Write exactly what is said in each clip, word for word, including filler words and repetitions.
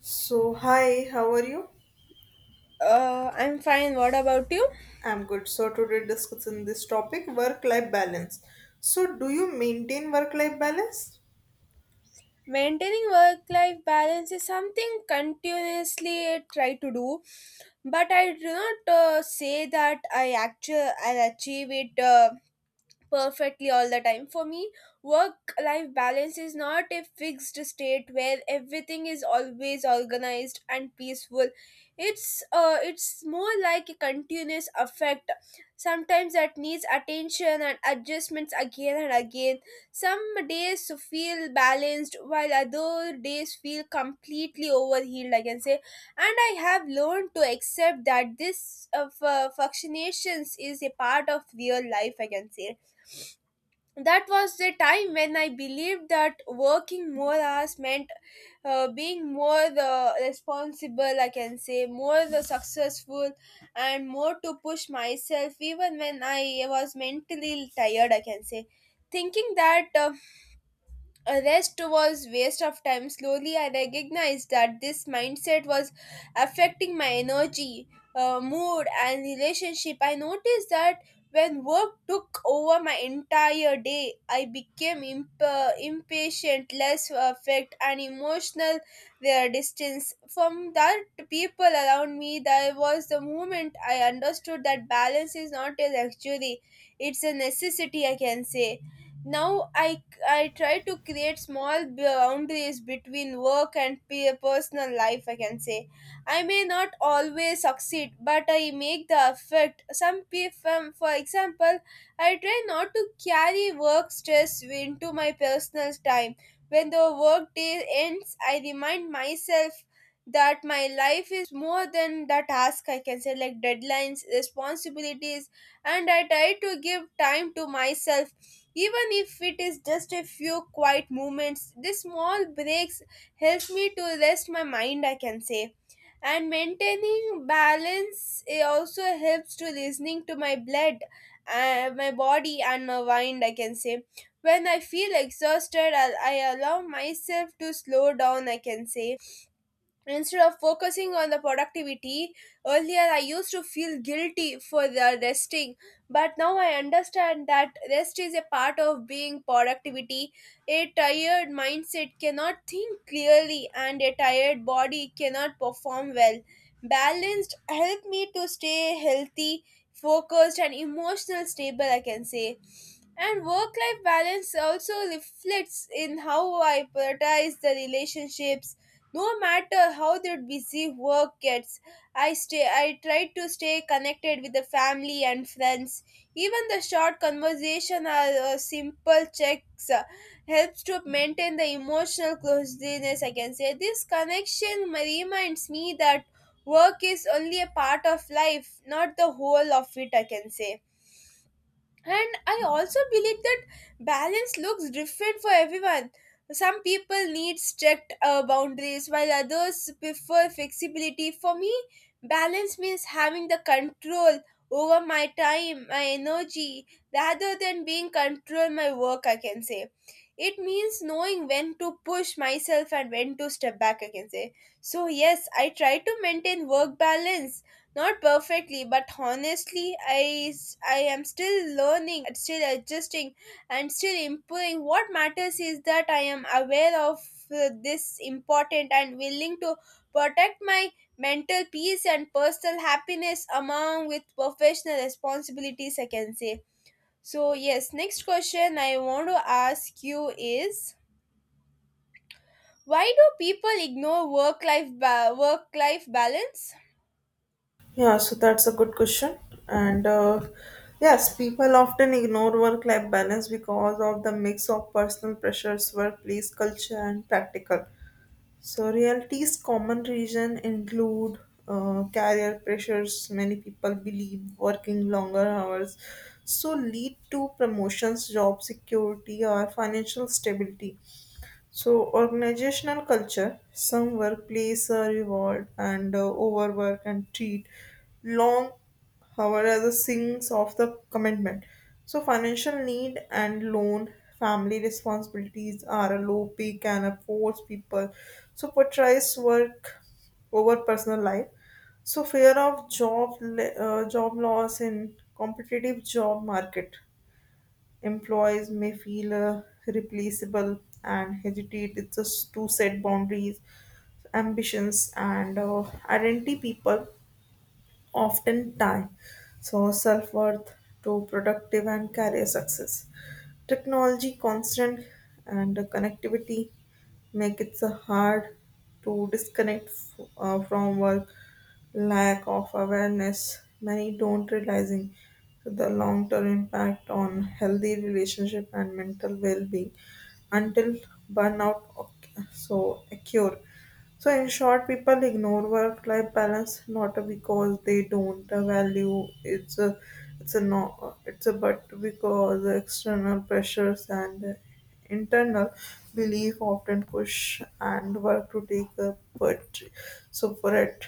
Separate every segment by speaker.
Speaker 1: So, hi, how are you?
Speaker 2: Uh, I'm fine. What about you?
Speaker 1: I'm good. So, today discussing this topic work life balance. So, do you maintain work life balance?
Speaker 2: Maintaining work life balance is something continuously I try to do, but I do not uh, say that I actually I'll achieve it. Uh, perfectly all the time. For me, work life balance is not a fixed state where everything is always organized and peaceful. It's uh it's more like a continuous effect. Sometimes that needs attention and adjustments again and again. Some days feel balanced while other days feel completely overhealed, I can say. And I have learned to accept that this uh, fu- fluctuations is a part of real life, I can say that was the time when I believed that working more hours meant uh, being more the responsible, I can say, more the successful, and more to push myself, even when I was mentally tired, I can say. Thinking that uh, a rest was waste of time. Slowly, I recognized that this mindset was affecting my energy, uh, mood, and relationship. I noticed that when work took over my entire day, I became imp- uh, impatient, less affect, and emotional their distance from that people around me. There was the moment I understood that balance is not a luxury; it's a necessity. I can say now i I try to create small boundaries between work and pe- personal life, I can say. I may not always succeed, but I make the effort. Some people, for example, I try not to carry work stress into my personal time. When the work day ends, I remind myself that my life is more than the task I can say like deadlines responsibilities and I try to give time to myself even if it is just a few quiet moments, these small breaks help me to rest my mind, I can say. And maintaining balance it also helps to listening to my blood, uh, my body, and my mind, I can say. When I feel exhausted, I, I allow myself to slow down, I can say. Instead of focusing on the productivity, earlier I used to feel guilty for the resting, but now I understand that rest is a part of being productivity. A tired mindset cannot think clearly, and a tired body cannot perform well. Balanced helped me to stay healthy, focused, and emotional stable, I can say. And work life balance also reflects in how I prioritize the relationships no matter how their busy work gets i stay i try to stay connected with the family and friends even the short conversation or uh, simple checks uh, helps to maintain the emotional closeness I can say this connection reminds me that work is only a part of life not the whole of it I can say and I also believe that balance looks different for everyone. Some people need strict uh, boundaries while others prefer flexibility. For me, balance means having the control over my time, my energy, rather than being control my work, I can say. It means knowing when to push myself and when to step back, I can say. So, yes, I try to maintain work balance not perfectly, but honestly, I, s- I am still learning, uh, still adjusting, and still improving. What matters is that I am aware of uh, this important and willing to protect my mental peace and personal happiness among with professional responsibilities, I can say. So, yes, next question I want to ask you is why do people ignore work life ba- work life balance?
Speaker 1: Yeah, so that's a good question. And uh, yes, people often ignore work life balance because of the mix of personal pressures, workplace culture, and practical. So, reality's common reason include uh, career pressures. Many people believe working longer hours so lead to promotions, job security, or financial stability. So, organizational culture, some workplace uh, reward and uh, overwork and treat long hour as a sinks of the commitment. So, financial need and loan, family responsibilities are a low pay can uh, force people. So, portrays work over personal life. So, fear of job le- uh, job loss in competitive job market employees may feel uh, replaceable and hesitate it's just to set boundaries ambitions and uh, identity people often tie so self worth to productive and career success. Technology constant and connectivity make it so hard to disconnect f- uh, from work. Lack of awareness, many don't realizing the long term impact on healthy relationship and mental well being until burnout oc- so occur. So, in short, people ignore work life balance not because they don't value it's a it's a no it's a but because external pressures and internal belief often push and work to take a but so for it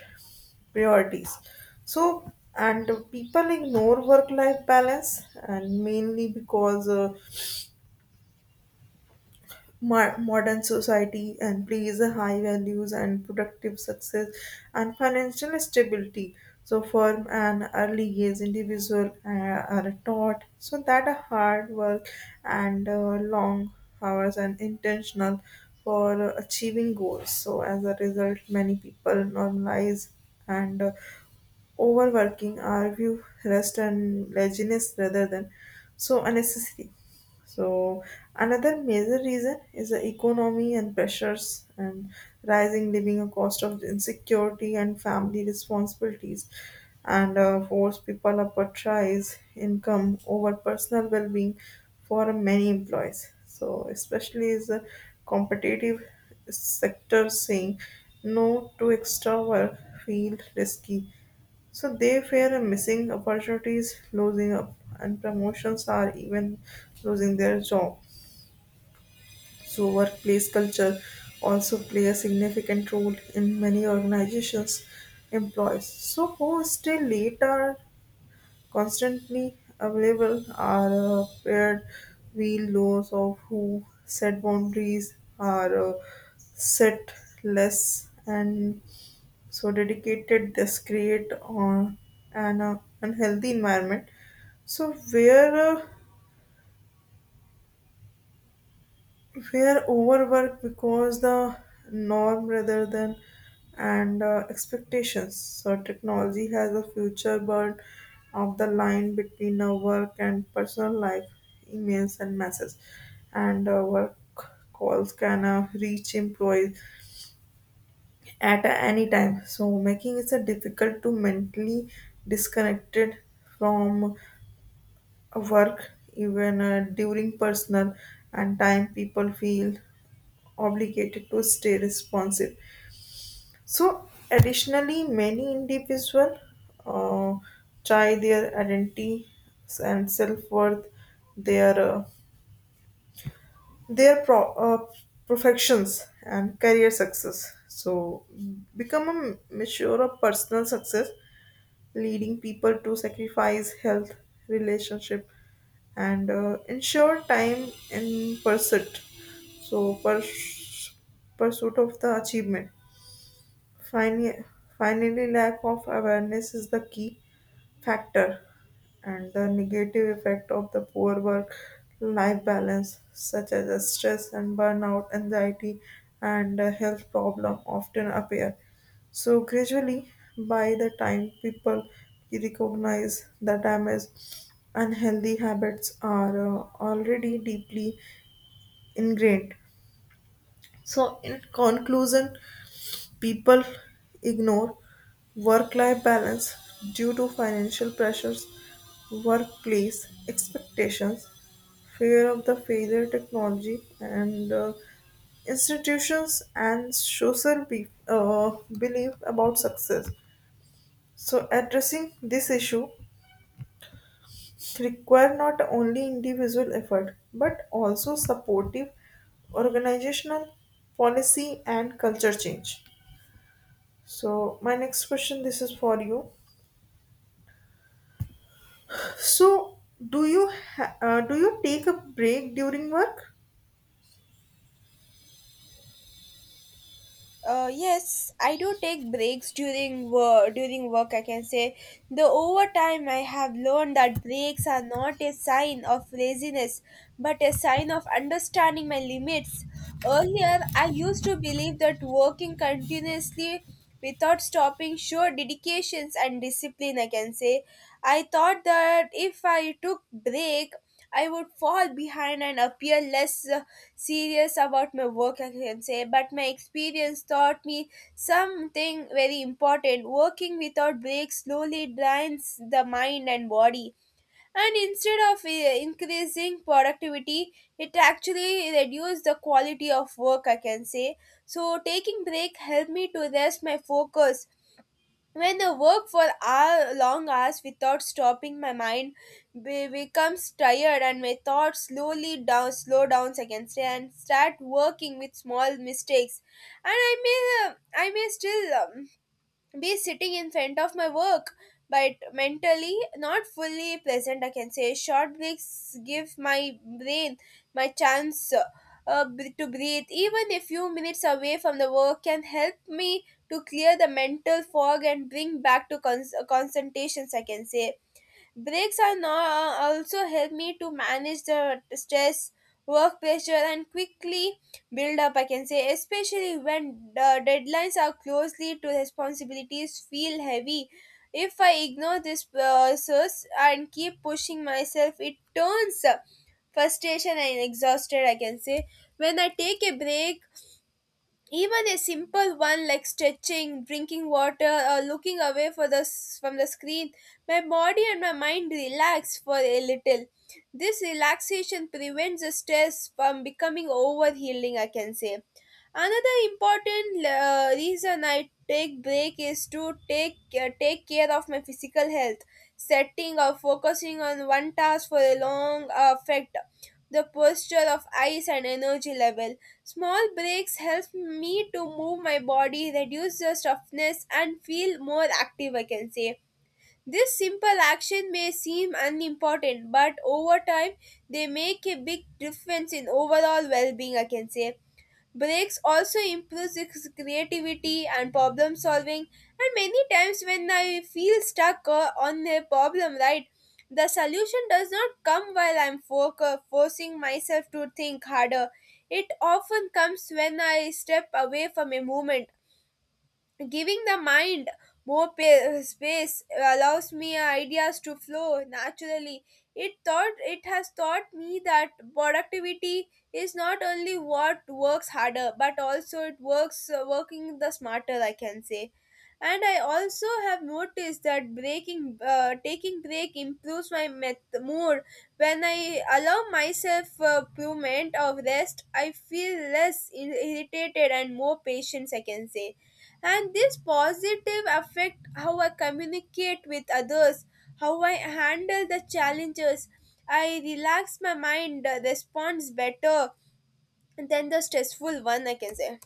Speaker 1: priorities. So, and people ignore work life balance and mainly because uh, mar- modern society and a high values and productive success and financial stability so from an early age individual uh, are taught so that a hard work and uh, long hours and intentional for achieving goals so as a result many people normalize and uh, overworking are view rest and laziness rather than so unnecessary so another major reason is the economy and pressures and rising living cost of insecurity and family responsibilities and uh, force people up a income over personal well-being for many employees. So especially is the competitive sector saying no to extra work feel risky so they fear missing opportunities, losing up, and promotions are even losing their job. So workplace culture also play a significant role in many organizations employees. So who stay late are constantly available are uh, paired wheel laws of who set boundaries are uh, set less and so dedicated this create uh, an uh, unhealthy environment so where uh, where overwork because the norm rather than and uh, expectations so technology has a future but of the line between our work and personal life emails and messages and uh, work calls can uh, reach employees at any time. So making it a difficult to mentally disconnected from a work even uh, during personal and time people feel obligated to stay responsive. So additionally many individuals uh, try their identity and self-worth their uh, their pro- uh, perfections and career success so become a measure of personal success leading people to sacrifice health, relationship, and uh, ensure time in pursuit. So, purs- pursuit of the achievement. Finally, finally, lack of awareness is the key factor, and the negative effect of the poor work life balance, such as the stress and burnout, anxiety, and uh, health problem, often appear. So, gradually, by the time people recognize the damage, unhealthy habits are uh, already deeply ingrained. So, in conclusion, people ignore work-life balance due to financial pressures, workplace expectations, fear of the failure technology, and uh, institutions and social be- uh, belief about success. So addressing this issue require not only individual effort but also supportive organizational policy and culture change. So my next question, this is for you. So do you ha- uh, do you take a break during work?
Speaker 2: Uh, yes, I do take breaks during work. During work, I can say the overtime I have learned that breaks are not a sign of laziness, but a sign of understanding my limits. Earlier, I used to believe that working continuously without stopping showed dedications and discipline. I can say I thought that if I took break I would fall behind and appear less uh, serious about my work, I can say. But my experience taught me something very important. Working without breaks slowly drains the mind and body. And instead of uh, increasing productivity, it actually reduced the quality of work, I can say. So taking break helped me to rest my focus when I work for hour, long hours without stopping, my mind be- becomes tired and my thoughts slowly down, slow down seconds and start working with small mistakes. And I may, uh, I may still um, be sitting in front of my work but mentally not fully present I can say short breaks give my brain my chance uh, b- to breathe even a few minutes away from the work can help me to clear the mental fog and bring back to cons- concentrations I can say. Breaks are now also help me to manage the stress, work pressure, and quickly build up. I can say, especially when the deadlines are closely to responsibilities feel heavy. If I ignore this process and keep pushing myself, it turns frustration and exhausted. I can say, when I take a break even a simple one like stretching drinking water or looking away for the s- from the screen my body and my mind relax for a little this relaxation prevents the stress from becoming overhealing I can say another important uh, reason I take break is to take uh, take care of my physical health setting or focusing on one task for a long affect the posture of eyes and energy level. Small breaks help me to move my body, reduce the stiffness, and feel more active, I can say. This simple action may seem unimportant, but over time they make a big difference in overall well being, I can say. Breaks also improves his creativity and problem solving. And many times, when I feel stuck uh, on a problem, right, the solution does not come while I'm fo- uh, forcing myself to think harder. It often comes when I step away from a moment. Giving the mind more pa- space allows me ideas to flow naturally. It thought it has taught me that productivity is not only what works harder, but also it works uh, working the smarter. I can say and I also have noticed that breaking uh, taking break improves my met- mood when I allow myself a moment of rest I feel less ir- irritated and more patience I can say and this positive affect how I communicate with others how I handle the challenges I relax my mind uh, responds better than the stressful one I can say.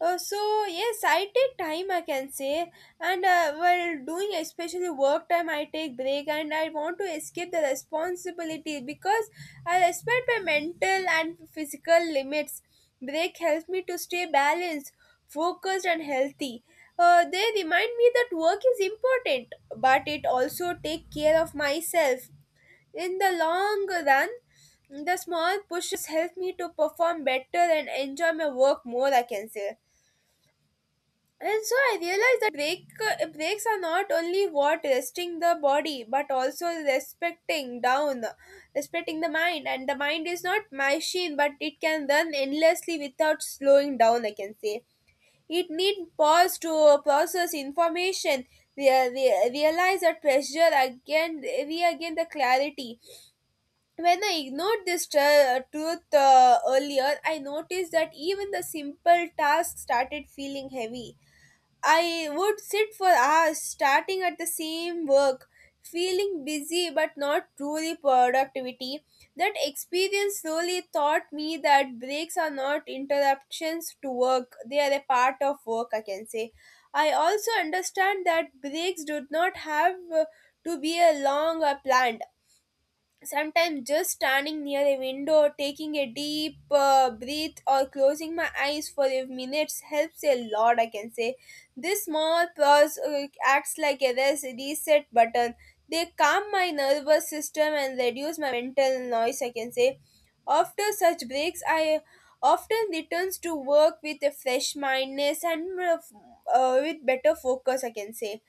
Speaker 2: Uh, so yes, I take time I can say, and uh, while doing especially work time, I take break and I want to escape the responsibility because I respect my mental and physical limits. Break helps me to stay balanced, focused, and healthy. Uh, they remind me that work is important, but it also take care of myself. In the long run, the small pushes help me to perform better and enjoy my work more. I can say. And so I realized that break, uh, breaks are not only what resting the body, but also respecting down, respecting the mind. And the mind is not machine, but it can run endlessly without slowing down. I can say it need pause to process information, rea- rea- realize the pressure again, regain the clarity. When I ignored this tru- truth uh, earlier, I noticed that even the simple tasks started feeling heavy. I would sit for hours starting at the same work, feeling busy but not truly productivity. That experience slowly taught me that breaks are not interruptions to work, they are a part of work, I can say. I also understand that breaks do not have uh, to be a long or planned. Sometimes just standing near a window, taking a deep uh, breath, or closing my eyes for a minute helps a lot, I can say. This small pause uh, acts like a res- reset button. They calm my nervous system and reduce my mental noise, I can say. After such breaks, I often returns to work with a fresh mindness and uh, f- uh, with better focus, I can say.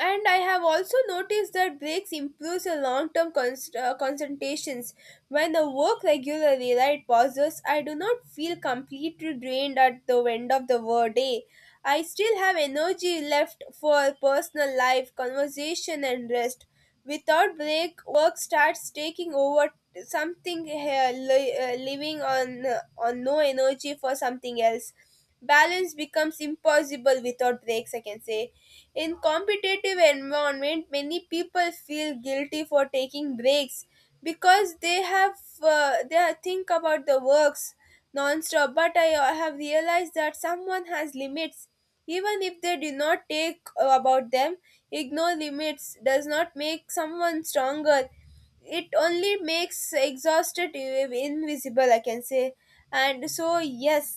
Speaker 2: And I have also noticed that breaks improves your long-term const- uh, concentrations. When I work regularly, right, pauses, I do not feel completely drained at the end of the wor- day. I still have energy left for personal life, conversation, and rest. Without break, work starts taking over something here, li- uh, living on uh, on no energy for something else. Balance becomes impossible without breaks, I can say. In competitive environment, many people feel guilty for taking breaks because they have uh, they are- think about the works non-stop. But I uh, have realized that someone has limits even if they do not take uh, about them. Ignore limits does not make someone stronger. It only makes exhausted, uh, invisible, I can say. And so, yes,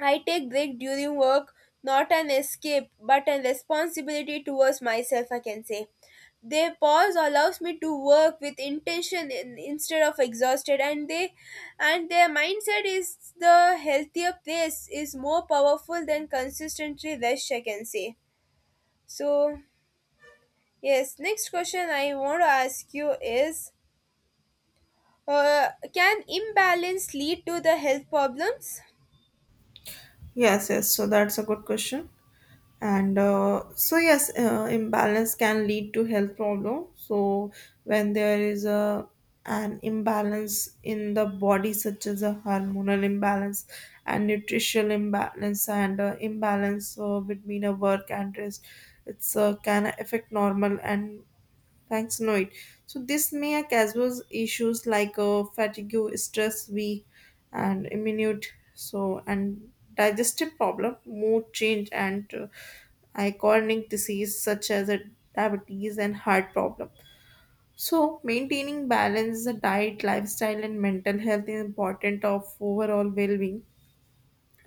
Speaker 2: I take break during work, not an escape, but a responsibility towards myself, I can say. They pause allows me to work with intention in, instead of exhausted and they and their mindset is the healthier place is more powerful than consistently rush, I can say. So, yes, next question I want to ask you is, uh, can imbalance lead to the health problems?
Speaker 1: Yes, yes. So that's a good question. and uh, so yes uh, imbalance can lead to health problem so when there is a an imbalance in the body such as a hormonal imbalance and nutritional imbalance and uh, imbalance uh, between a work and rest it's uh, can affect normal and thanks no it so this may cause issues like uh, fatigue stress weak and immune so and digestive problem mood change and uh, iconic disease such as a diabetes and heart problem so maintaining balance the diet lifestyle and mental health is important of overall well-being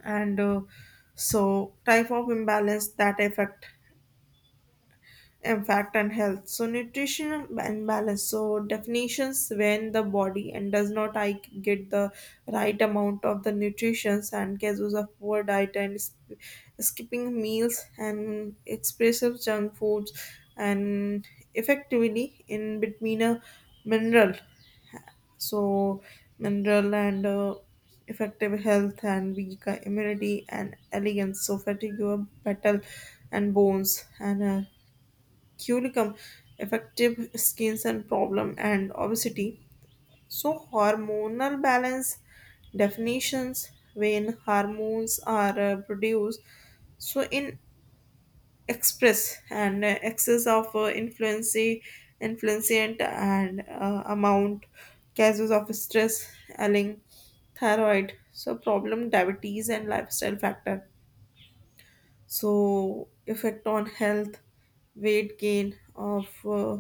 Speaker 1: and uh, so type of imbalance that affect in fact and health so nutritional and balance so definitions when the body and does not I get the right amount of the nutritions and cases of poor diet and sp- skipping meals and expressive junk foods and effectively in between a mineral so mineral and uh, effective health and weak immunity and elegance so fatigue battle and bones and uh, curicum, effective skin and problem and obesity. So hormonal balance definitions when hormones are uh, produced so in express and uh, excess of uh, influence influencient and uh, amount cases of stress ailing thyroid so problem diabetes and lifestyle factor so effect on health weight gain of uh,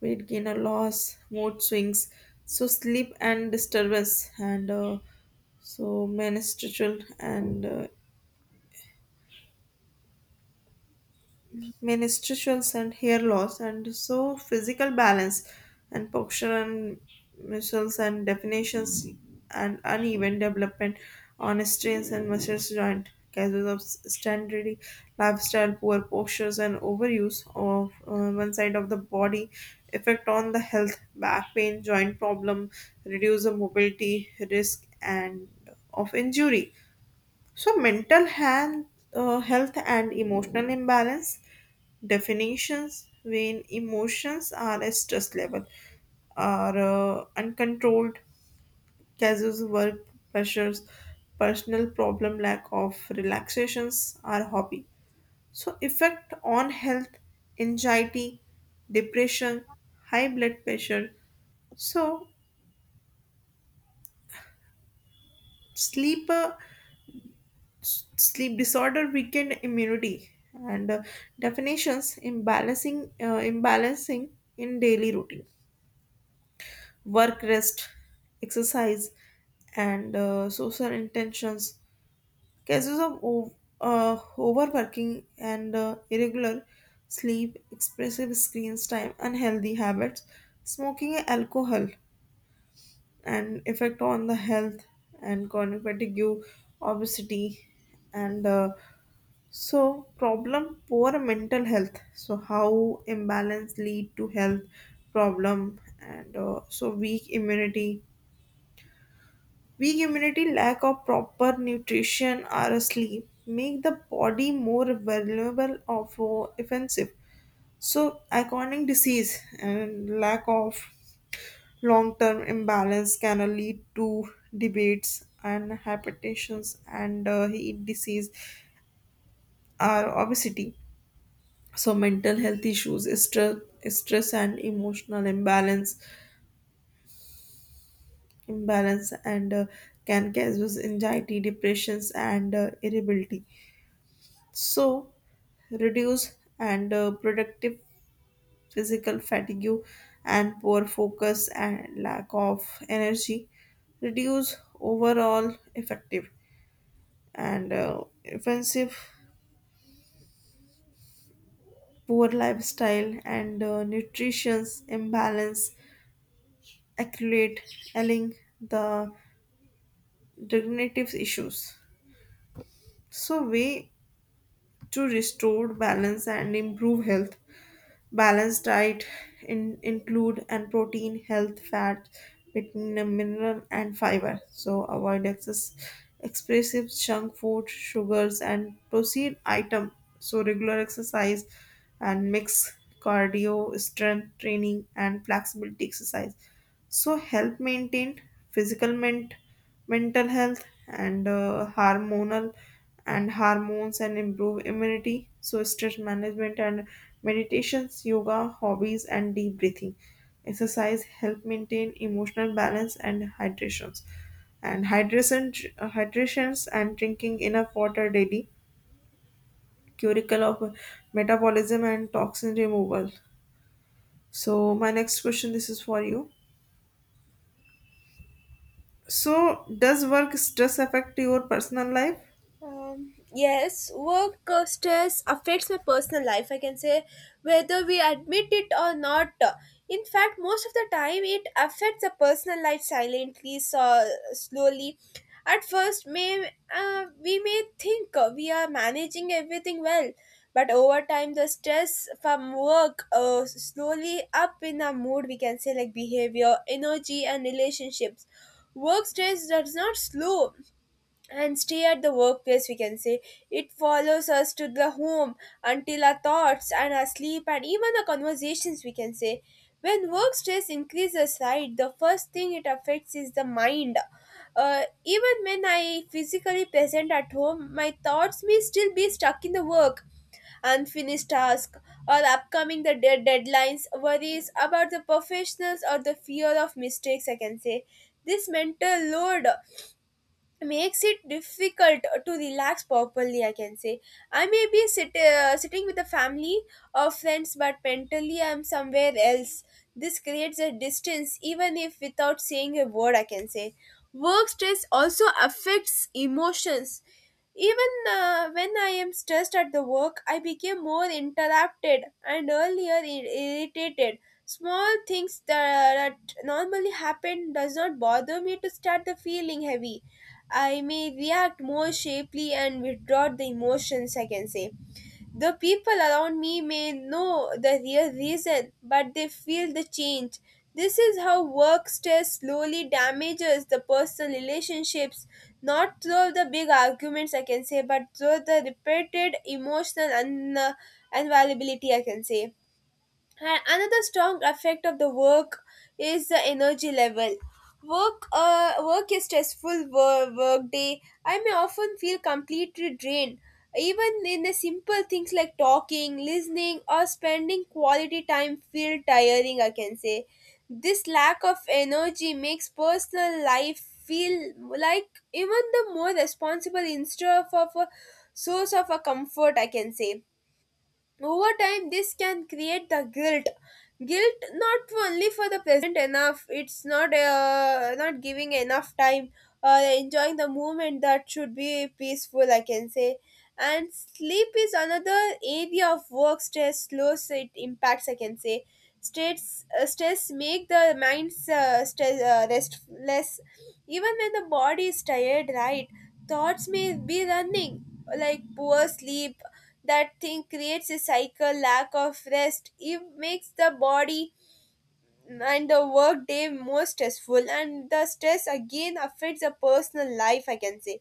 Speaker 1: weight gain or loss, mood swings, so sleep and disturbance, and uh, so menstrual and uh, menstruations and hair loss and so physical balance and posture and muscles and definitions and uneven development on strains and muscles joint causes of standard lifestyle poor postures and overuse of uh, one side of the body effect on the health back pain joint problem reduce the mobility risk and of injury so mental hand, uh, health and emotional imbalance definitions when emotions are a stress level are uh, uncontrolled causes work pressures personal problem lack of relaxations are hobby so effect on health anxiety depression high blood pressure so sleep uh, sleep disorder weakened immunity and uh, definitions imbalancing uh, imbalancing in daily routine work rest exercise and uh, social intentions cases of o- uh, overworking and uh, irregular sleep excessive screen time unhealthy habits smoking alcohol and effect on the health and chronic fatigue obesity and uh, so problem poor mental health. So how imbalance lead to health problem and uh, so weak immunity weak immunity, lack of proper nutrition or sleep make the body more vulnerable of uh, offensive. So, chronic disease and lack of long-term imbalance can lead to debates and hypertensions and uh, heat disease or obesity. So, mental health issues, stress, stress and emotional imbalance, imbalance and uh, can cause anxiety, depressions, and uh, irritability. So, reduce and uh, productive physical fatigue and poor focus and lack of energy. Reduce overall effective and uh, offensive poor lifestyle and uh, nutrition's imbalance accurate allying the dignitative issues. So, way to restore balance and improve health balanced diet in, include and protein, health, fat, vitamin, mineral, and fiber. So avoid excess expressive junk food, sugars, and protein item. So regular exercise and mix cardio, strength training, and flexibility exercise. So help maintain physical ment mental health and uh, hormonal and hormones and improve immunity so stress management and meditations yoga hobbies and deep breathing exercise help maintain emotional balance and hydrations and hydration hydrations and drinking enough water daily curicle of metabolism and toxin removal so my next question this is for you so does work stress affect your personal life
Speaker 2: Um, yes, work uh, stress affects my personal life, I can say, whether we admit it or not. In fact, most of the time, it affects the personal life silently, so slowly. At first, may uh, we may think uh, we are managing everything well, but over time, the stress from work uh, slowly up in our mood. We can say like behavior, energy, and relationships. Work stress does not slow; and stay at the workplace, we can say it follows us to the home until our thoughts and our sleep and even the conversations, we can say. When work stress increases, right, the first thing it affects is the mind. Uh, even when I physically present at home, my thoughts may still be stuck in the work, unfinished task, or upcoming the de- deadlines, worries about the professionals, or the fear of mistakes, I can say. This mental load makes it difficult to relax properly, I can say. I may be sit, uh, sitting with a family or friends, but mentally I'm somewhere else. This creates a distance even if without saying a word, I can say. Work stress also affects emotions. Even uh, when I am stressed at the work, I became more interrupted and earlier ir- irritated. Small things that, that normally happen does not bother me to start the feeling heavy. I may react more shapely and withdraw the emotions, I can say. The people around me may know the real reason, but they feel the change. This is how work stress slowly damages the personal relationships, not through the big arguments, I can say, but through the repeated emotional un- uh, unavailability, I can say. And another strong effect of the work is the energy level. Work, uh, work is stressful work, work day. I may often feel completely drained. Even in the simple things like talking, listening, or spending quality time feel tiring. I can say this lack of energy makes personal life feel like even the more responsible instead of a source of a comfort. I can say over time this can create the guilt guilt not only for the present enough, it's not uh, not giving enough time, uh, enjoying the moment that should be peaceful, I can say. And sleep is another area of work stress slows it impacts, I can say. Stress uh, stress make the mind's uh, stress, uh, restless, even when the body is tired, right. Thoughts may be running, like poor sleep. That thing creates a cycle. Lack of rest, it makes the body and the work day more stressful, and the stress again affects the personal life, I can say.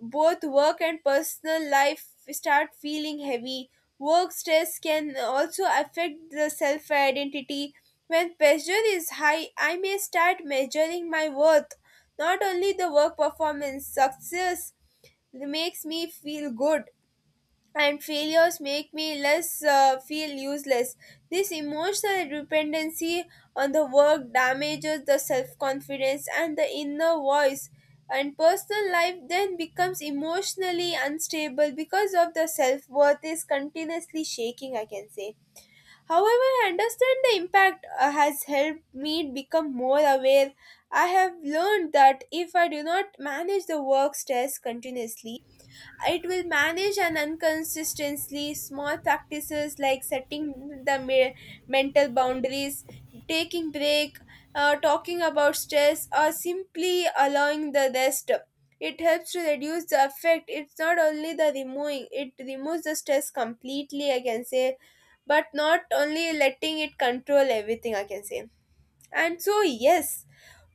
Speaker 2: Both work and personal life start feeling heavy. Work stress can also affect the self identity. When pressure is high, I may start measuring my worth, not only the work performance. Success makes me feel good, and failures make me less, uh, feel useless. This emotional dependency on the work damages the self confidence and the inner voice. And personal life then becomes emotionally unstable because of the self worth is continuously shaking, I can say. However, I understand the impact uh, has helped me become more aware. I have learned that if I do not manage the work stress continuously, it will manage an inconsistently small practices like setting the me- mental boundaries, taking break, uh, talking about stress, or simply allowing the rest. It helps to reduce the effect. It's not only the removing; it removes the stress completely. I can say, but not only letting it control everything. I can say and so, yes,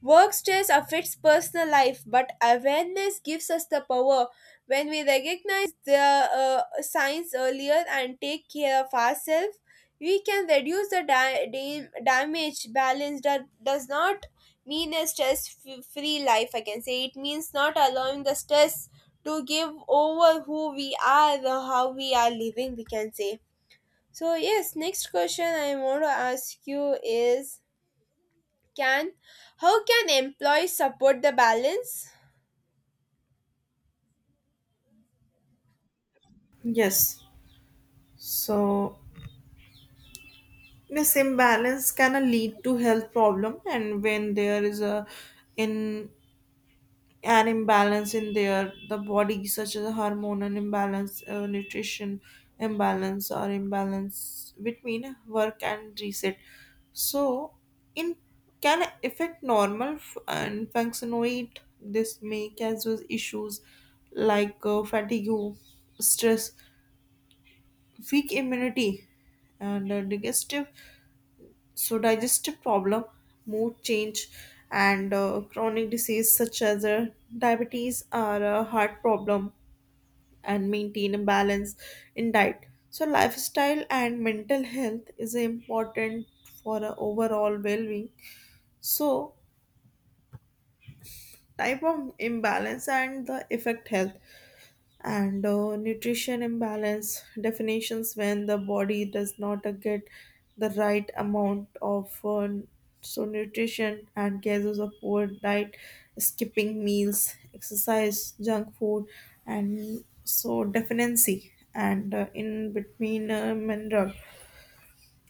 Speaker 2: work stress affects personal life, but awareness gives us the power. When we recognize the uh, signs earlier and take care of ourselves, we can reduce the da- da- damage. Balance that does not mean a stress f- free life, I can say. It means not allowing the stress to give over who we are, or how we are living, we can say. So, yes, next question I want to ask you is, can how can employees support the balance?
Speaker 1: yes so this imbalance can uh, lead to health problem and when there is a in an imbalance in their the body such as a hormonal imbalance uh, nutrition imbalance or imbalance between work and reset so in can affect normal f- and functionate this may cause issues like uh, fatigue stress weak immunity and uh, digestive so digestive problem, mood change, and uh, chronic disease such as uh, diabetes are a heart problem and maintain a balance in diet. So lifestyle and mental health is important for a overall well-being. So type of imbalance and the effect health. and uh, nutrition imbalance definitions when the body does not uh, get the right amount of uh, so nutrition and cases of poor diet skipping meals exercise junk food and so deficiency and uh, in between uh, mineral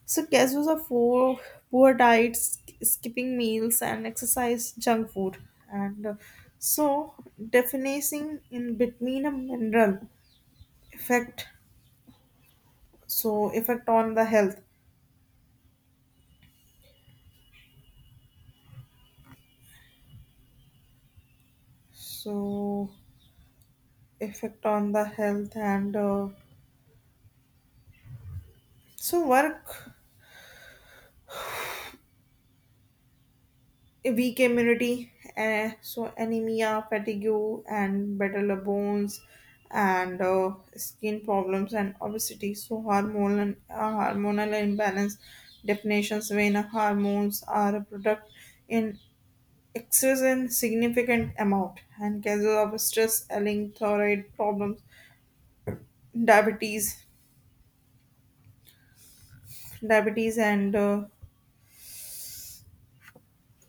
Speaker 1: so cases of poor, poor diets skipping meals and exercise junk food and uh, so definitely in between a mineral effect so effect on the health so effect on the health and uh, so work a weak immunity uh, so anemia fatigue and better bones and uh, skin problems and obesity so hormonal and uh, hormonal imbalance definitions when hormones are a product in excess and significant amount and cases of stress ailing thyroid problems diabetes diabetes and uh,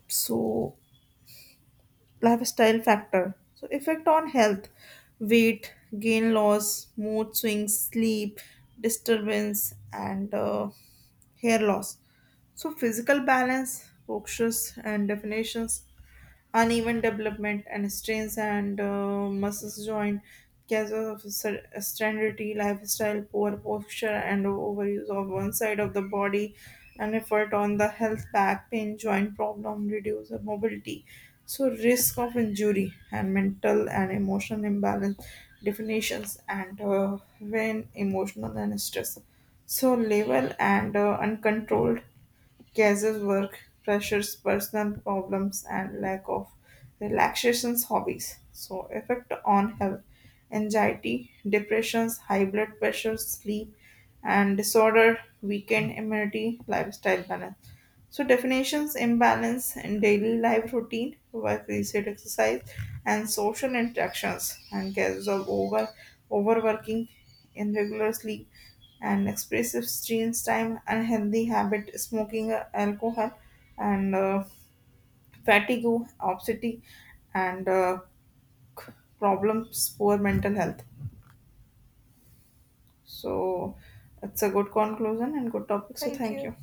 Speaker 1: so lifestyle factor so effect on health weight gain loss mood swings sleep disturbance and uh, hair loss so physical balance postures and definitions uneven development and strains and uh, muscles joint cases of ser- sedentary lifestyle poor posture and overuse of one side of the body and effort on the health back pain joint problem reduce mobility so risk of injury and mental and emotional imbalance definitions and uh, when emotional and stress so level and uh, uncontrolled cases, work pressures, personal problems, and lack of relaxations hobbies. So, effect on health, anxiety, depressions, high blood pressure, sleep and disorder, weakened immunity, lifestyle balance. So definitions imbalance in daily life routine, work reset exercise, and social interactions, and cases of over overworking, irregular sleep, and expressive screen time, unhealthy habit, smoking, uh, alcohol, and uh, fatigue, obesity, and uh, c- problems, poor mental health. So it's a good conclusion and good topic. So
Speaker 2: Thank
Speaker 1: thank
Speaker 2: you.
Speaker 1: you.